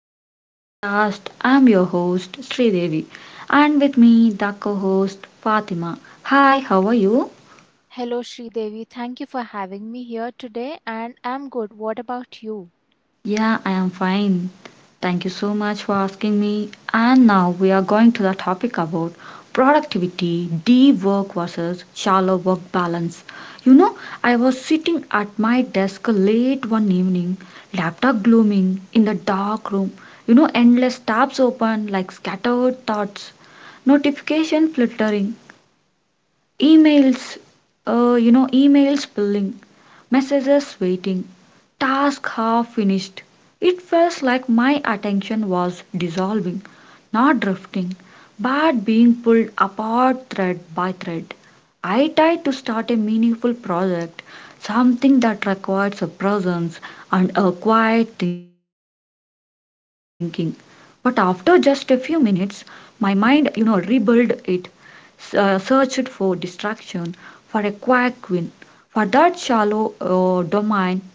back to the podcast. I'm your host Sridevi and with me the co-host Fatima. Hi, how are you? Hello, Devi. Thank you for having me here today, and I'm good. What about you? Yeah, I am fine. Thank you so much for asking me. And now we are going to the topic about productivity, deep work versus shallow work balance. You know, I was sitting at my desk late one evening, laptop glooming in the dark room. You know, endless tabs open like scattered thoughts, notification flittering, Emails, emails building, messages waiting, task half finished. It felt like my attention was dissolving, not drifting, but being pulled apart thread by thread. I tried to start a meaningful project, something that requires a presence and a quiet thinking. But after just a few minutes, my mind, you know, rebuilt it, searched for distraction, for a quack win, for that shallow domain hit.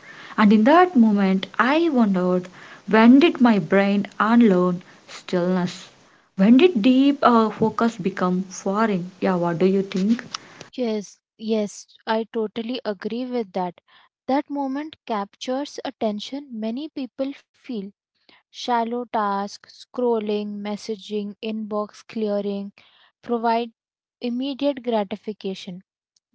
And in that moment, I wondered when did my brain unlearn stillness? When did deep focus become foreign? Yeah, what do you think? Yes, yes, I totally agree with that. That moment captures attention many people feel. Shallow tasks, scrolling, messaging, inbox clearing provide immediate gratification.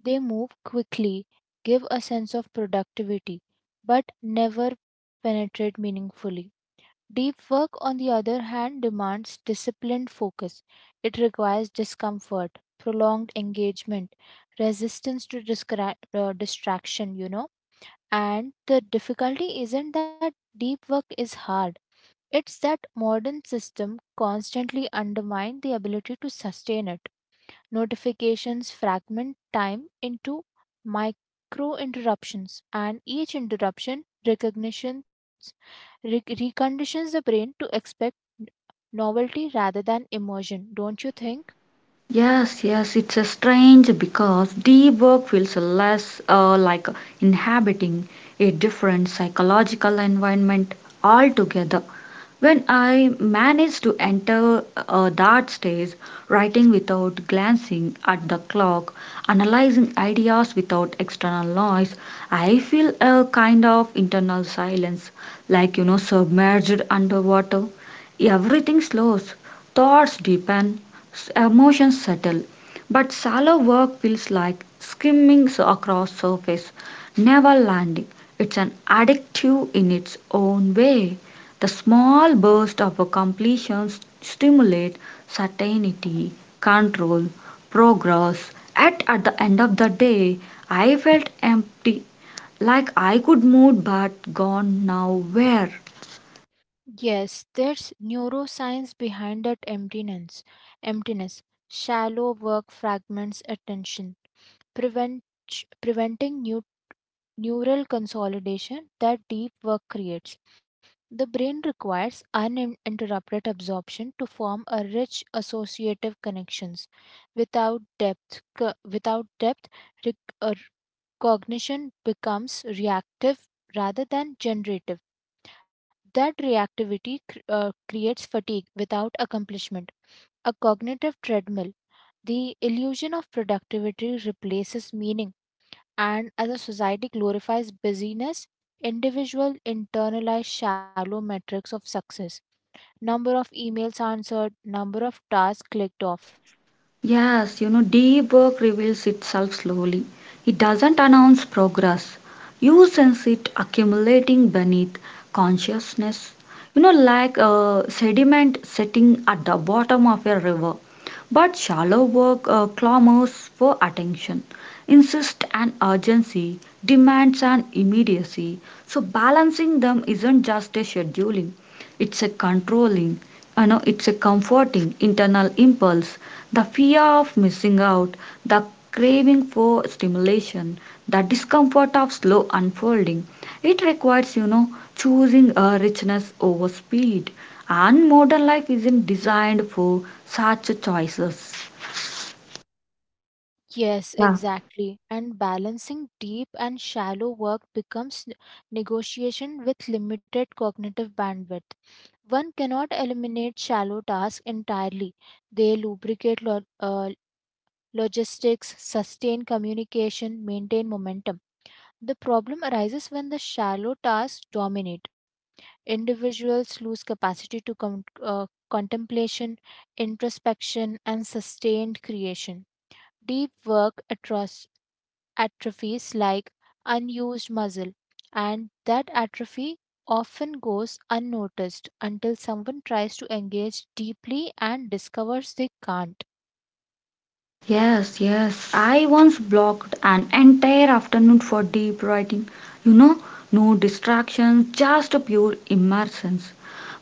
They move quickly, give a sense of productivity, but never penetrate meaningfully. Deep work, on the other hand, demands disciplined focus. It requires discomfort, prolonged engagement, resistance to distraction, you know. And the difficulty isn't that deep work is hard, it's that modern system constantly undermine the ability to sustain it. Notifications fragment time into micro interruptions, and each interruption reconditions the brain to expect novelty rather than immersion, don't you think? Yes, yes, it's a strange because deep work feels less like inhabiting a different psychological environment altogether. When I manage to enter that stage, writing without glancing at the clock, analyzing ideas without external noise, I feel a kind of internal silence, like you know, submerged underwater. Everything slows, thoughts deepen, emotions settle. But shallow work feels like skimming across surface, never landing. It's an addictive in its own way. The small burst of a completion stimulate certainty, control, progress. At the end of the day, I felt empty, like I could move but gone nowhere. Yes, there's neuroscience behind that emptiness. Emptiness, shallow work fragments attention, prevent, preventing neural consolidation that deep work creates. The brain requires uninterrupted absorption to form a rich associative connections. Without depth, rec- uh, cognition becomes reactive rather than generative. That reactivity creates fatigue without accomplishment. A cognitive treadmill, the illusion of productivity replaces meaning and as a society glorifies busyness, individuals internalize shallow metrics of success, number of emails answered, number of tasks clicked off. Yes, you know, deep work reveals itself slowly. It doesn't announce progress. You sense it accumulating beneath consciousness. You know, like sediment sitting at the bottom of a river. But shallow work clamors for attention, insists an urgency, demands an immediacy. So, balancing them isn't just a scheduling, it's a controlling, you know, it's a comforting internal impulse. The fear of missing out, the craving for stimulation, the discomfort of slow unfolding. It requires, you know, choosing a richness over speed. And modern life isn't designed for such choices. Yes, Yeah. exactly. And balancing deep and shallow work becomes negotiation with limited cognitive bandwidth. One cannot eliminate shallow tasks entirely. They lubricate logistics, sustain communication, maintain momentum. The problem arises when the shallow tasks dominate. Individuals lose capacity to contemplation, introspection, and sustained creation. Deep work atrophies like unused muscle, and that atrophy often goes unnoticed until someone tries to engage deeply and discovers they can't. Yes, yes. I once blocked an entire afternoon for deep writing. You know, no distractions, just a pure immersion.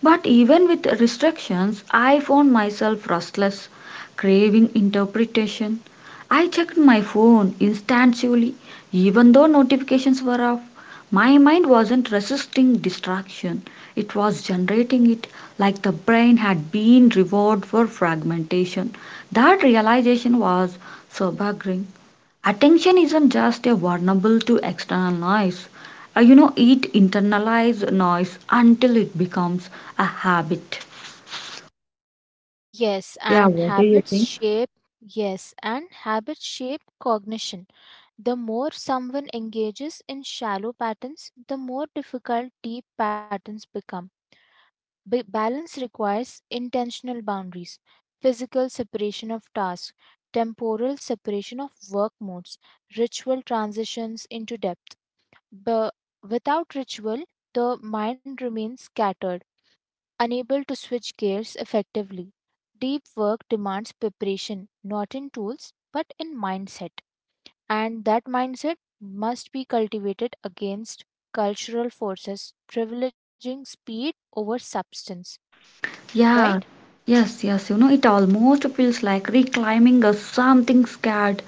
But even with restrictions, I found myself restless, craving interpretation. I checked my phone instantaneously, even though notifications were off. My mind wasn't resisting distraction, it was generating it like the brain had been rewarded for fragmentation. That realization was sobering. Attention isn't just a vulnerable to external noise. It internalizes noise until it becomes a habit. Yes, Yeah, and what do you habits think? shape. Yes, and habits shape cognition. The more someone engages in shallow patterns, the more difficult deep patterns become. Balance requires intentional boundaries, physical separation of tasks, temporal separation of work modes, ritual transitions into depth. But without ritual, the mind remains scattered, unable to switch gears effectively. Deep work demands preparation, not in tools, but in mindset. And that mindset must be cultivated against cultural forces privileging speed over substance, right? Yeah, yes, yes. You know, it almost feels like reclaiming a something scared.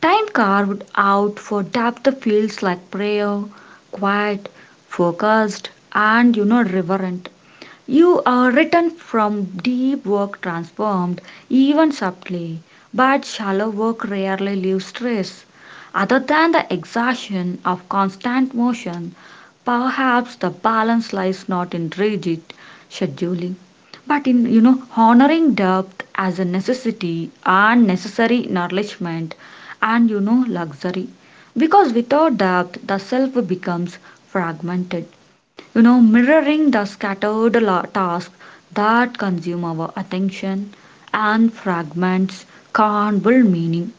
Time carved out for depth feels like prayer, quiet, focused, and you know, reverent. You are written from deep work transformed, even subtly, but shallow work rarely leaves trace. Other than the exhaustion of constant motion, perhaps the balance lies not in rigid scheduling, but in you know honoring depth as a necessity and necessary nourishment and you know luxury. Because without depth, the self becomes fragmented, you know, mirroring the scattered tasks that consume our attention and fragments can't build meaning,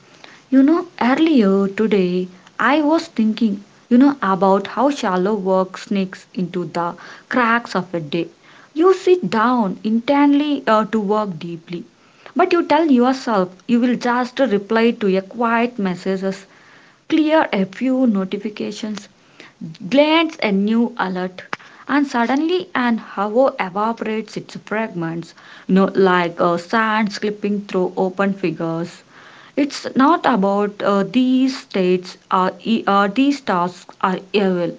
you know. Earlier today, I was thinking, you know, about how shallow work sneaks into the cracks of a day. You sit down intently to work deeply, but you tell yourself you will just reply to a quiet messages, clear a few notifications, glance a new alert, and suddenly an hour evaporates its fragments, no, like sand slipping through open figures. It's not about these states or these tasks are evil.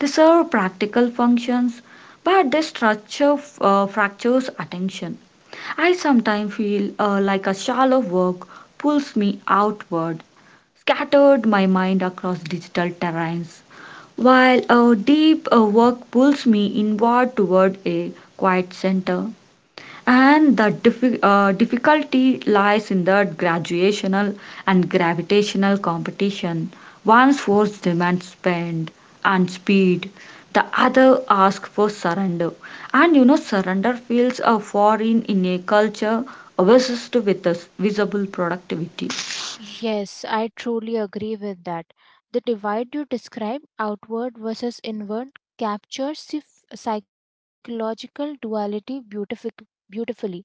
They serve practical functions, but their structure fractures attention. I sometimes feel like a shallow work pulls me outward, scattered my mind across digital terrains, while a deep work pulls me inward toward a quiet center, and the difficulty lies in the graduational and gravitational competition. One force demands spend and speed, the other asks for surrender. And you know, surrender feels a foreign in a culture obsessed with this visible productivity. Yes, I truly agree with that. The divide you describe, outward versus inward, captures the psychological duality beautifully.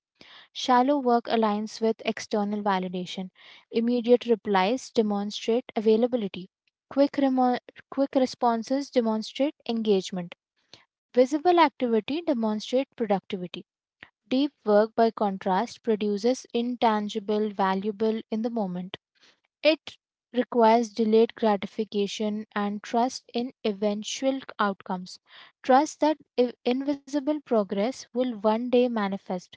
Shallow work aligns with external validation. Immediate replies demonstrate availability. Quick, remo- Quick responses demonstrate engagement. Visible activity demonstrates productivity. Deep work, by contrast, produces intangible, valuable in the moment. It requires delayed gratification and trust in eventual outcomes. Trust that invisible progress will one day manifest.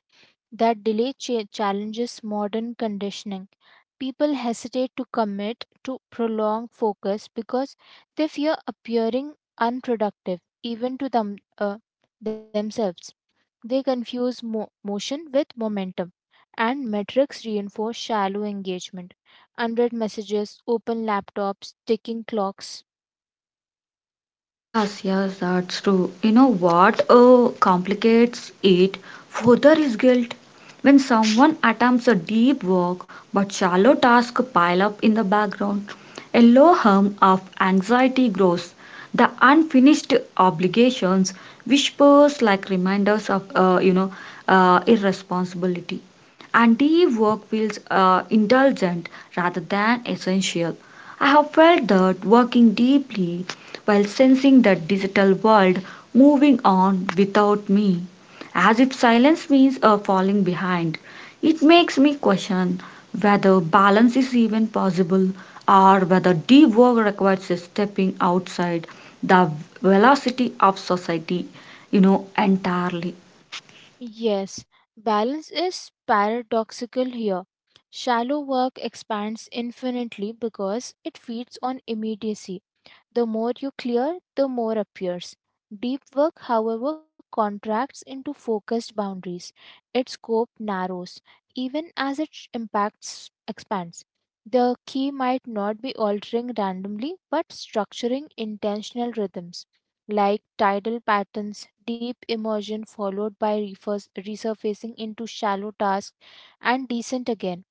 That delay challenges modern conditioning. People hesitate to commit to prolonged focus because they fear appearing unproductive, even to them, themselves. They confuse motion with momentum, and metrics reinforce shallow engagement. Unread messages, open laptops, ticking clocks. Yes, yes, that's true. You know what complicates it further is guilt. When someone attempts a deep work but shallow tasks pile up in the background, a low hum of anxiety grows. The unfinished obligations whispers like reminders of irresponsibility. And deep work feels indulgent rather than essential. I have felt that working deeply while sensing the digital world moving on without me, as if silence means a falling behind. It makes me question whether balance is even possible or whether deep work requires a stepping outside the velocity of society, you know, entirely. Yes, balance is paradoxical here. Shallow work expands infinitely because it feeds on immediacy. The more you clear, the more appears. Deep work, however, contracts into focused boundaries. Its scope narrows, even as its impacts expands. The key might not be altering randomly, but structuring intentional rhythms like tidal patterns, deep immersion followed by resurfacing into shallow tasks, and descent again.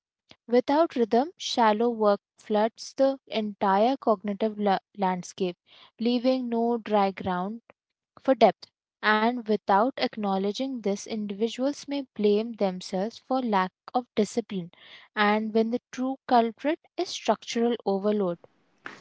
Without rhythm, shallow work floods the entire cognitive landscape, leaving no dry ground for depth. And without acknowledging this, individuals may blame themselves for lack of discipline, and when the true culprit is structural overload.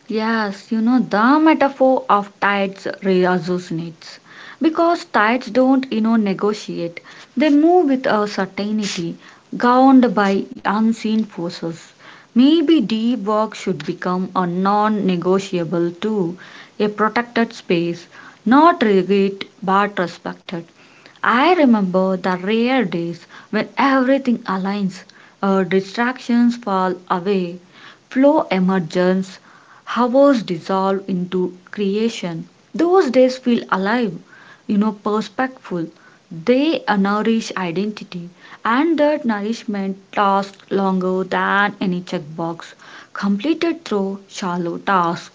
Yes, you know, the metaphor of tides resonates because tides don't, you know, negotiate. They move with a certainty, governed by unseen forces. Maybe deep work should become a non negotiable too, a protected space, not rigid but respected. I remember the rare days when everything aligns, our distractions fall away, flow emerges, hours dissolve into creation. Those days feel alive, you know, perspectful. They nourish identity, and that nourishment lasts longer than any checkbox completed through shallow tasks.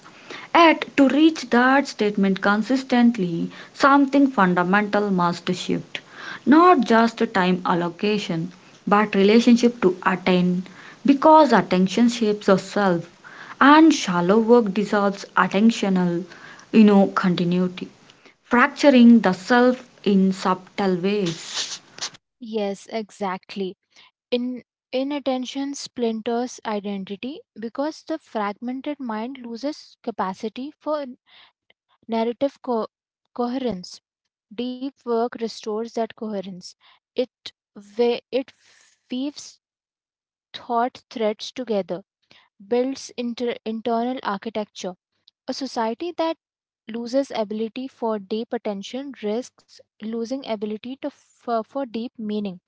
Yet, to reach that statement consistently, something fundamental must shift. Not just time allocation, but relationship to attain. Because attention shapes yourself, and shallow work dissolves attentional, you know, continuity, fracturing the self in subtle ways. Yes, exactly. In Inattention splinters identity because the fragmented mind loses capacity for narrative coherence. Deep work restores that coherence. It it weaves thought threads together, builds internal architecture. A society that loses ability for deep attention risks losing ability for deep meaning.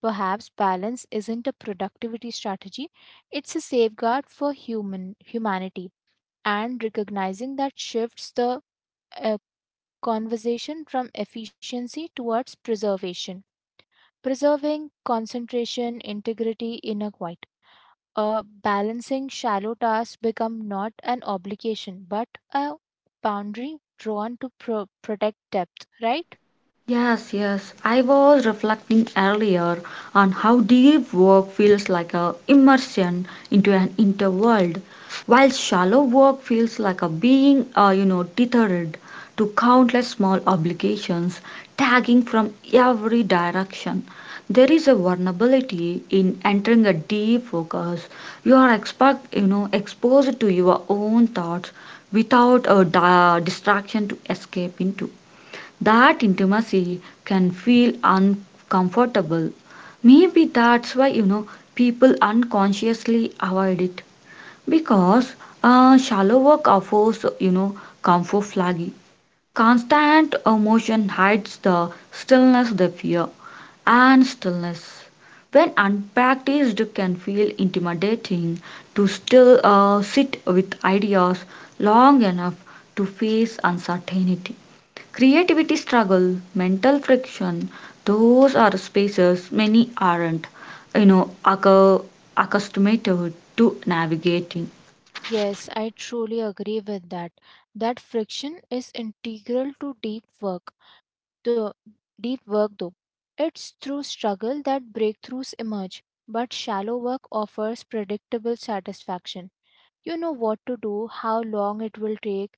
Perhaps balance isn't a productivity strategy; it's a safeguard for human humanity. And recognizing that shifts the uh, conversation from efficiency towards preservation, preserving concentration integrity in a quiet uh, balancing shallow tasks become not an obligation but a boundary drawn to protect depth, right? Yes, yes. I was reflecting earlier on how deep work feels like a immersion into an inner world, while shallow work feels like a being, you know, tethered to countless small obligations tagging from every direction. There is a vulnerability in entering a deep focus. You know, exposed to your own thoughts without a distraction to escape into. That intimacy can feel uncomfortable. Maybe that's why you know people unconsciously avoid it because shallow work offers you know comfort flaggy. Constant emotion hides the stillness they fear, and stillness, when unpracticed, can feel intimidating. To still sit with ideas long enough to face uncertainty, creativity struggle, mental friction, those are spaces many aren't, you know, accustomed to navigating. Yes, I truly agree with that. That friction is integral to deep work. The deep work though it's through struggle that breakthroughs emerge, but shallow work offers predictable satisfaction. You know what to do, how long it will take,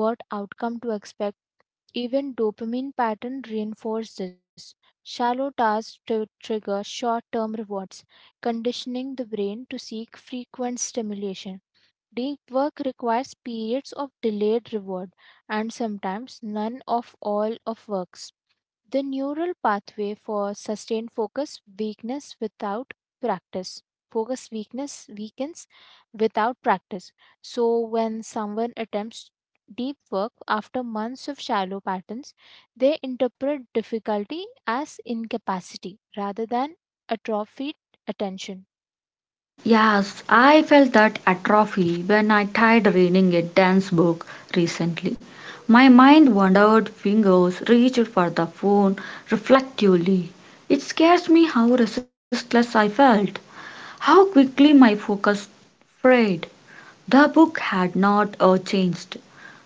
what outcome to expect. Even dopamine pattern reinforce this. Shallow tasks to trigger short-term rewards, conditioning the brain to seek frequent stimulation. Deep work requires periods of delayed reward, and sometimes none of all of works. The neural pathway for sustained practice focus weakness weakens without practice. So when someone attempts deep work after months of shallow patterns, they interpret difficulty as incapacity rather than atrophied attention. Yes, I felt that atrophy when I tried reading a dance book recently. My mind wandered, fingers reached for the phone reflectively. It scares me how resistless I felt, how quickly my focus frayed. The book had not changed,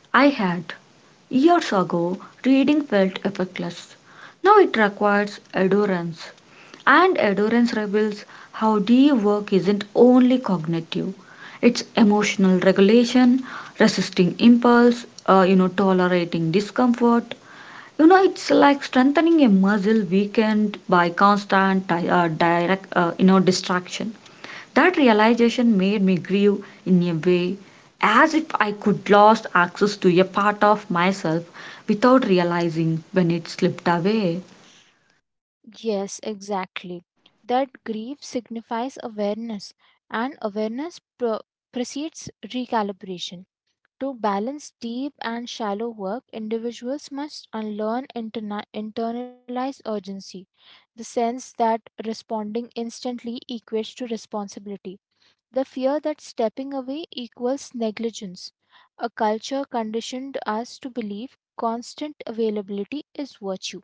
I had. Years ago, reading felt effectless. Now it requires endurance. And endurance reveals how deep work isn't only cognitive, it's emotional regulation, resisting impulse, tolerating discomfort. You know, it's like strengthening a muscle weakened by constant direct, distraction. That realization made me grieve in a way, as if I could lost access to a part of myself without realizing when it slipped away. Yes, exactly. That grief signifies awareness, and awareness precedes recalibration. To balance deep and shallow work, individuals must unlearn internalized urgency, the sense that responding instantly equates to responsibility, the fear that stepping away equals negligence. A culture conditioned us to believe constant availability is virtue,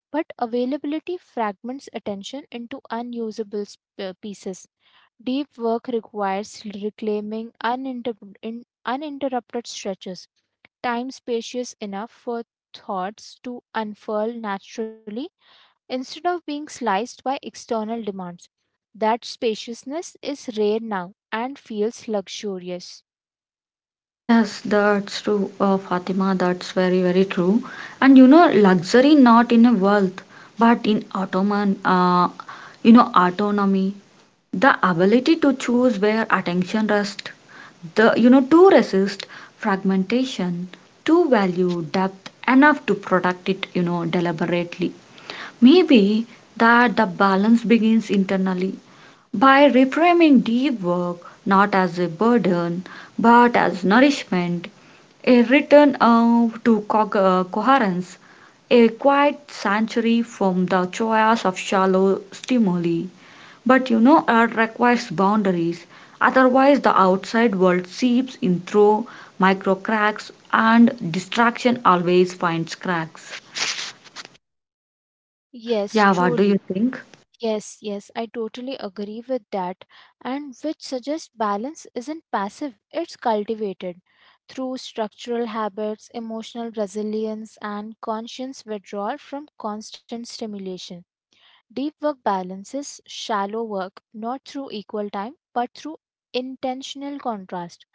but availability fragments attention into unusable pieces. Deep work requires reclaiming uninterrupted stretches, time spacious enough for thoughts to unfurl naturally instead of being sliced by external demands. That spaciousness is rare now and feels luxurious. Yes, that's true, Fatima. That's very very true. And you know, luxury not in a wealth, but in you know, autonomy. The ability to choose where attention rests, the you know to resist fragmentation, to value depth enough to protect it you know deliberately. Maybe that the balance begins internally, by reframing deep work not as a burden but as nourishment, a return coherence, a quiet sanctuary from the chaos of shallow stimuli. But you know, art requires boundaries, otherwise, the outside world seeps in through micro cracks, and distraction always finds cracks. Yes, Yeah, what do truly. you think? Yes, yes, I totally agree with that. And which suggests balance isn't passive, it's cultivated through structural habits, emotional resilience, and conscious withdrawal from constant stimulation. Deep work balances shallow work not through equal time but through intentional contrast.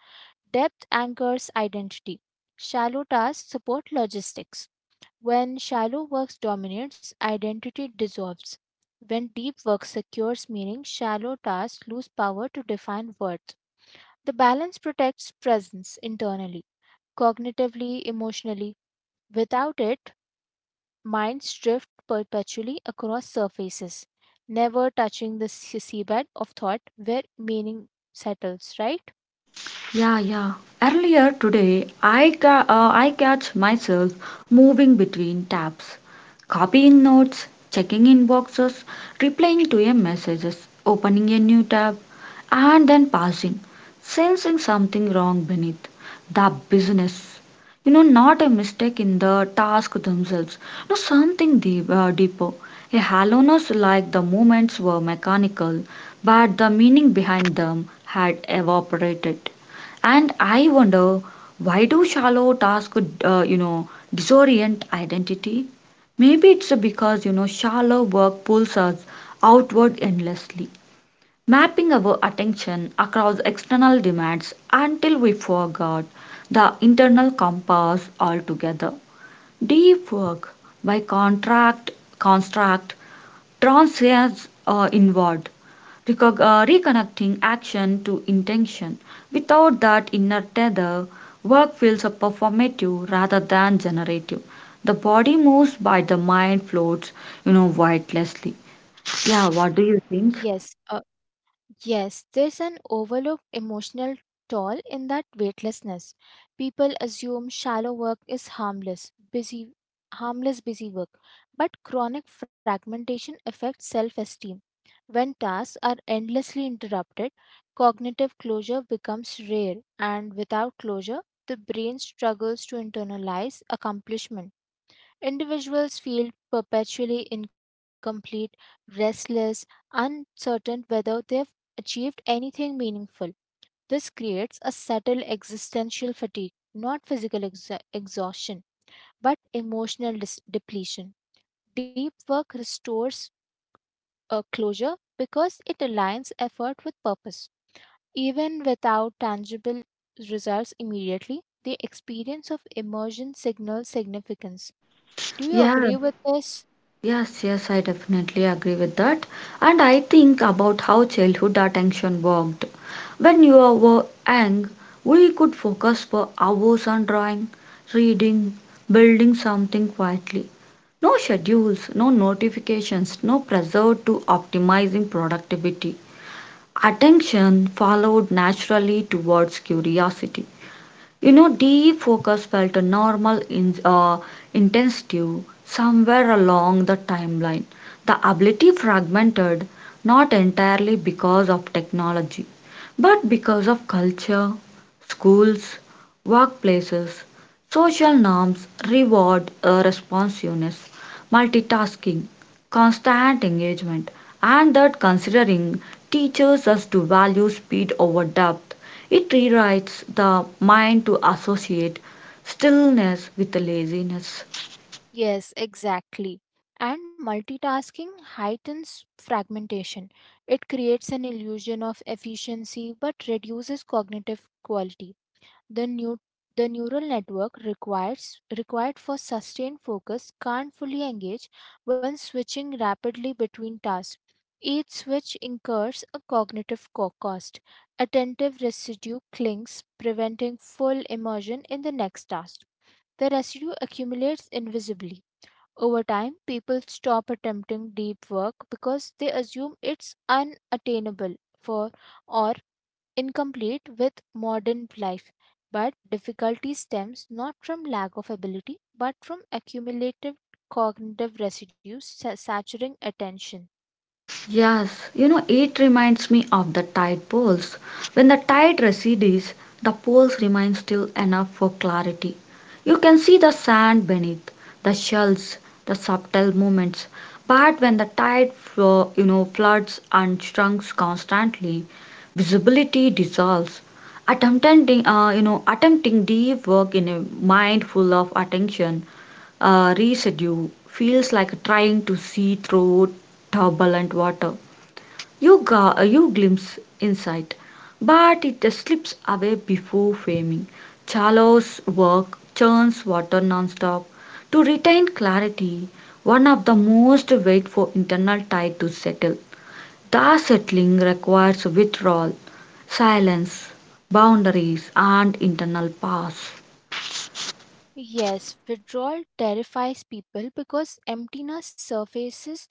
Depth anchors identity. Shallow tasks support logistics. When shallow work dominates, identity dissolves. When deep work secures meaning, shallow tasks lose power to define worth. The balance protects presence internally, cognitively, emotionally. Without it, minds drift perpetually across surfaces, never touching the seabed of thought where meaning settles, right? Yeah, yeah. Earlier today, I catch myself moving between tabs, copying notes, checking inboxes, replying to a messages, opening a new tab, and then passing, sensing something wrong beneath the business. You know, not a mistake in the task themselves, no, something deeper. A hollowness like the movements were mechanical, but the meaning behind them had evaporated. And I wonder why do shallow tasks, disorient identity? Maybe it's because, you know, shallow work pulls us outward endlessly, mapping our attention across external demands until we forgot the internal compass altogether. Deep work, by contract, construct, transcends inward, reconnecting action to intention. Without that inner tether, work feels a performative rather than generative. The body moves, but the mind floats, you know, weightlessly. Yeah, what do Yes, you uh, think? yes, there's an overlooked emotional toll in that weightlessness. People assume shallow work is harmless busy work, but chronic fragmentation affects self-esteem. When tasks are endlessly interrupted, cognitive closure becomes rare, and without closure, the brain struggles to internalize accomplishment. Individuals feel perpetually incomplete, restless, uncertain whether they have achieved anything meaningful. This creates a subtle existential fatigue, not physical exhaustion, but emotional depletion. Deep work restores a closure because it aligns effort with purpose. Even without tangible results immediately, the experience of immersion signals significance. Do you agree with this? Yes, yes, I definitely agree with that. And I think about how childhood attention worked. When you were young, we could focus for hours on drawing, reading, building something quietly. No schedules, no notifications, no pressure to optimizing productivity. Attention followed naturally towards curiosity. You know, deep focus felt a normal in, intensity somewhere along the timeline. The ability fragmented not entirely because of technology, but because of culture, schools, workplaces, social norms, reward responsiveness, multitasking, constant engagement, and that considering teaches us to value speed over depth. It rewrites the mind to associate stillness with laziness. Yes, exactly. And multitasking heightens fragmentation. It creates an illusion of efficiency but reduces cognitive quality. The, new, the neural network required for sustained focus can't fully engage when switching rapidly between tasks. Each switch incurs a cognitive cost. Attentive residue clings, preventing full immersion in the next task. The residue accumulates invisibly. Over time, people stop attempting deep work because they assume it's unattainable for or incomplete with modern life. But difficulty stems not from lack of ability, but from accumulative cognitive residues saturing attention. Yes, you know, it reminds me of the tide poles. When the tide recedes, the poles remain still enough for clarity. You can see the sand beneath, the shells, the subtle movements. But when the tide, you know, floods and shrinks constantly, visibility dissolves. Attempting deep work in a mind full of attention residue feels like trying to see through turbulent water. You glimpse insight, but it slips away before framing. Charlotte's work churns water nonstop. To retain clarity, one of the most wait for internal tide to settle. The settling requires withdrawal, silence, boundaries, and internal pause. Yes, withdrawal terrifies people because emptiness surfaces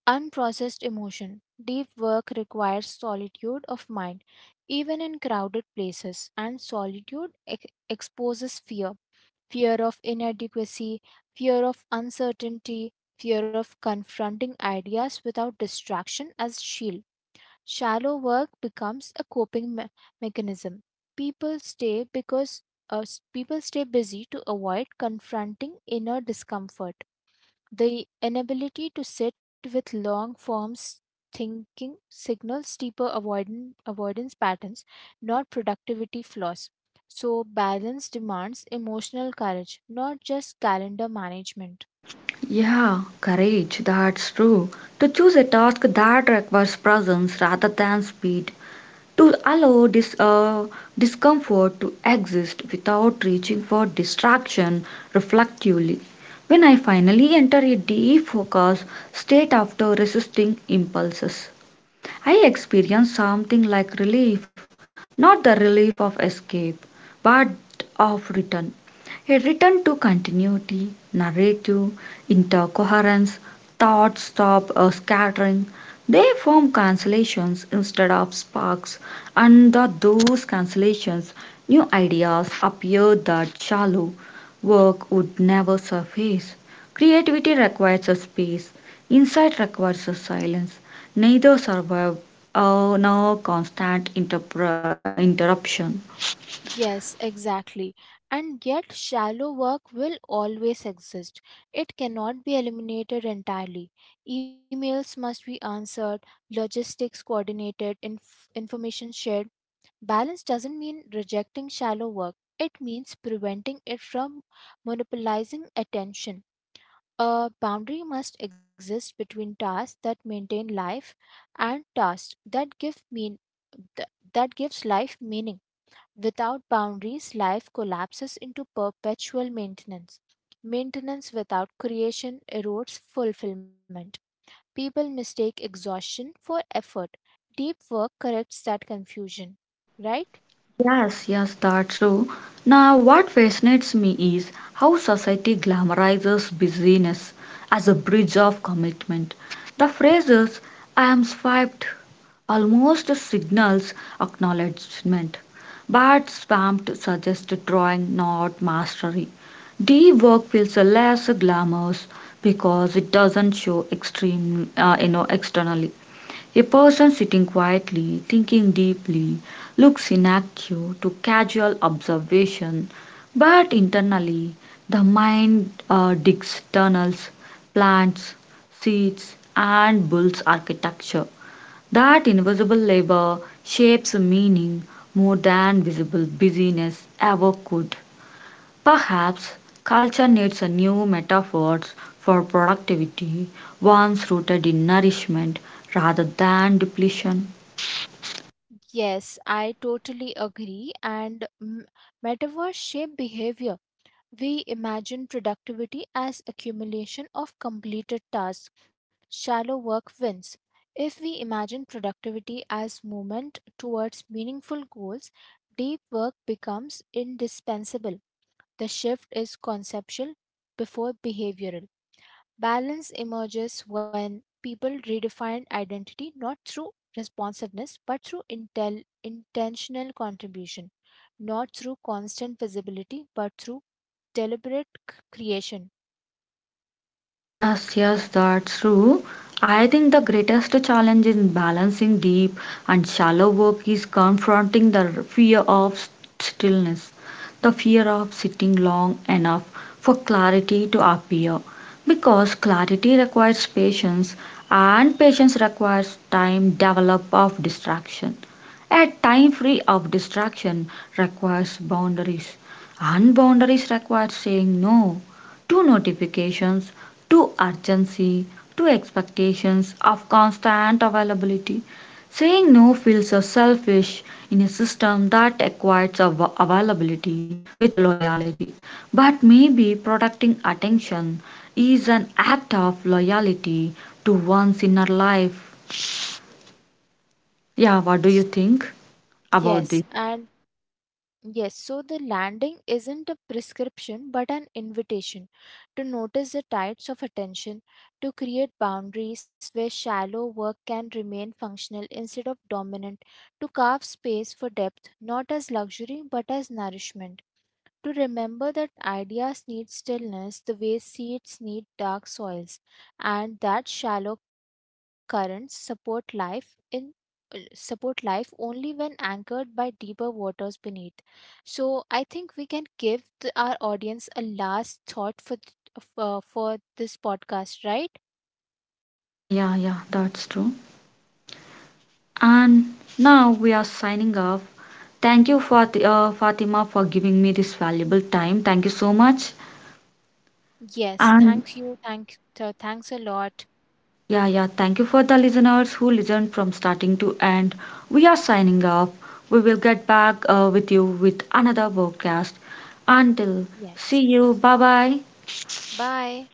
unprocessed emotion. Deep work requires solitude of mind, even in crowded places, and solitude exposes fear, fear of inadequacy, fear of uncertainty, fear of confronting ideas without distraction as shield. Shallow work becomes a coping mechanism. People people stay busy to avoid confronting inner discomfort. The inability to sit with long forms thinking signals deeper avoidance patterns, not productivity flaws. So, balance demands emotional courage, not just calendar management. Yeah, courage, that's true. To choose a task that requires presence rather than speed, to allow this discomfort to exist without reaching for distraction reflectively. When I finally enter a deep focus state after resisting impulses, I experienced something like relief, not the relief of escape, but of return. A return to continuity, narrative, intercoherence, thoughts stop scattering. They form cancellations instead of sparks, and the, those cancellations, new ideas appear that shallow work would never surface. Creativity requires a space, insight requires a silence. Neither survived, nor constant interpr interruption. Yes, exactly. And yet, shallow work will always exist. It cannot be eliminated entirely. Emails must be answered, logistics coordinated, information shared. Balance doesn't mean rejecting shallow work, it means preventing it from monopolizing attention. A boundary must exist between tasks that maintain life and tasks that th- that gives life meaning. Without boundaries, life collapses into perpetual maintenance. Maintenance without creation erodes fulfillment. People mistake exhaustion for effort. Deep work corrects that confusion, right? Yes, yes, that's true. Now, what fascinates me is how society glamorizes busyness as a bridge of commitment. The phrases I am swiped almost signals acknowledgement, but spammed suggests drawing, not mastery. D work feels less glamorous because it doesn't show extreme, externally. A person sitting quietly, thinking deeply, looks inactive to casual observation, but internally the mind digs tunnels, plants, seeds, and builds architecture. That invisible labor shapes meaning more than visible busyness ever could. Perhaps culture needs a new metaphors for productivity, ones rooted in nourishment rather than depletion. Yes, I totally agree. And mm, metaverse shape behavior. We imagine productivity as accumulation of completed tasks. Shallow work wins. If we imagine productivity as movement towards meaningful goals, deep work becomes indispensable. The shift is conceptual before behavioral. Balance emerges when people redefine identity not through responsiveness but through intentional contribution, not through constant visibility but through deliberate creation. Yes, yes, that's true. I think the greatest challenge in balancing deep and shallow work is confronting the fear of stillness, the fear of sitting long enough for clarity to appear. Because clarity requires patience, and patience requires time develop of distraction. A time free of distraction requires boundaries, and boundaries require saying no to notifications, to urgency, to expectations of constant availability. Saying no feels so selfish in a system that equates availability with loyalty. But maybe protecting attention is an act of loyalty to one's inner life. Yeah, what do Yes, you think about yes, this? and yes, so the landing isn't a prescription but an invitation to notice the tides of attention, to create boundaries where shallow work can remain functional instead of dominant, to carve space for depth, not as luxury but as nourishment, to remember that ideas need stillness the way seeds need dark soils, and that shallow currents support life only when anchored by deeper waters beneath. So I think we can give our audience a last thought for for this podcast, right? Yeah, yeah, yeah, that's true. And now we are signing off. Thank you, Fatima, for giving me this valuable time. Thank you so much. Yes, And thank you, thanks a lot. yeah, yeah, thank you for the listeners who listened from starting to end. We are signing off. We will get back with you with another podcast. Until see Yes, you. Bye bye. bye.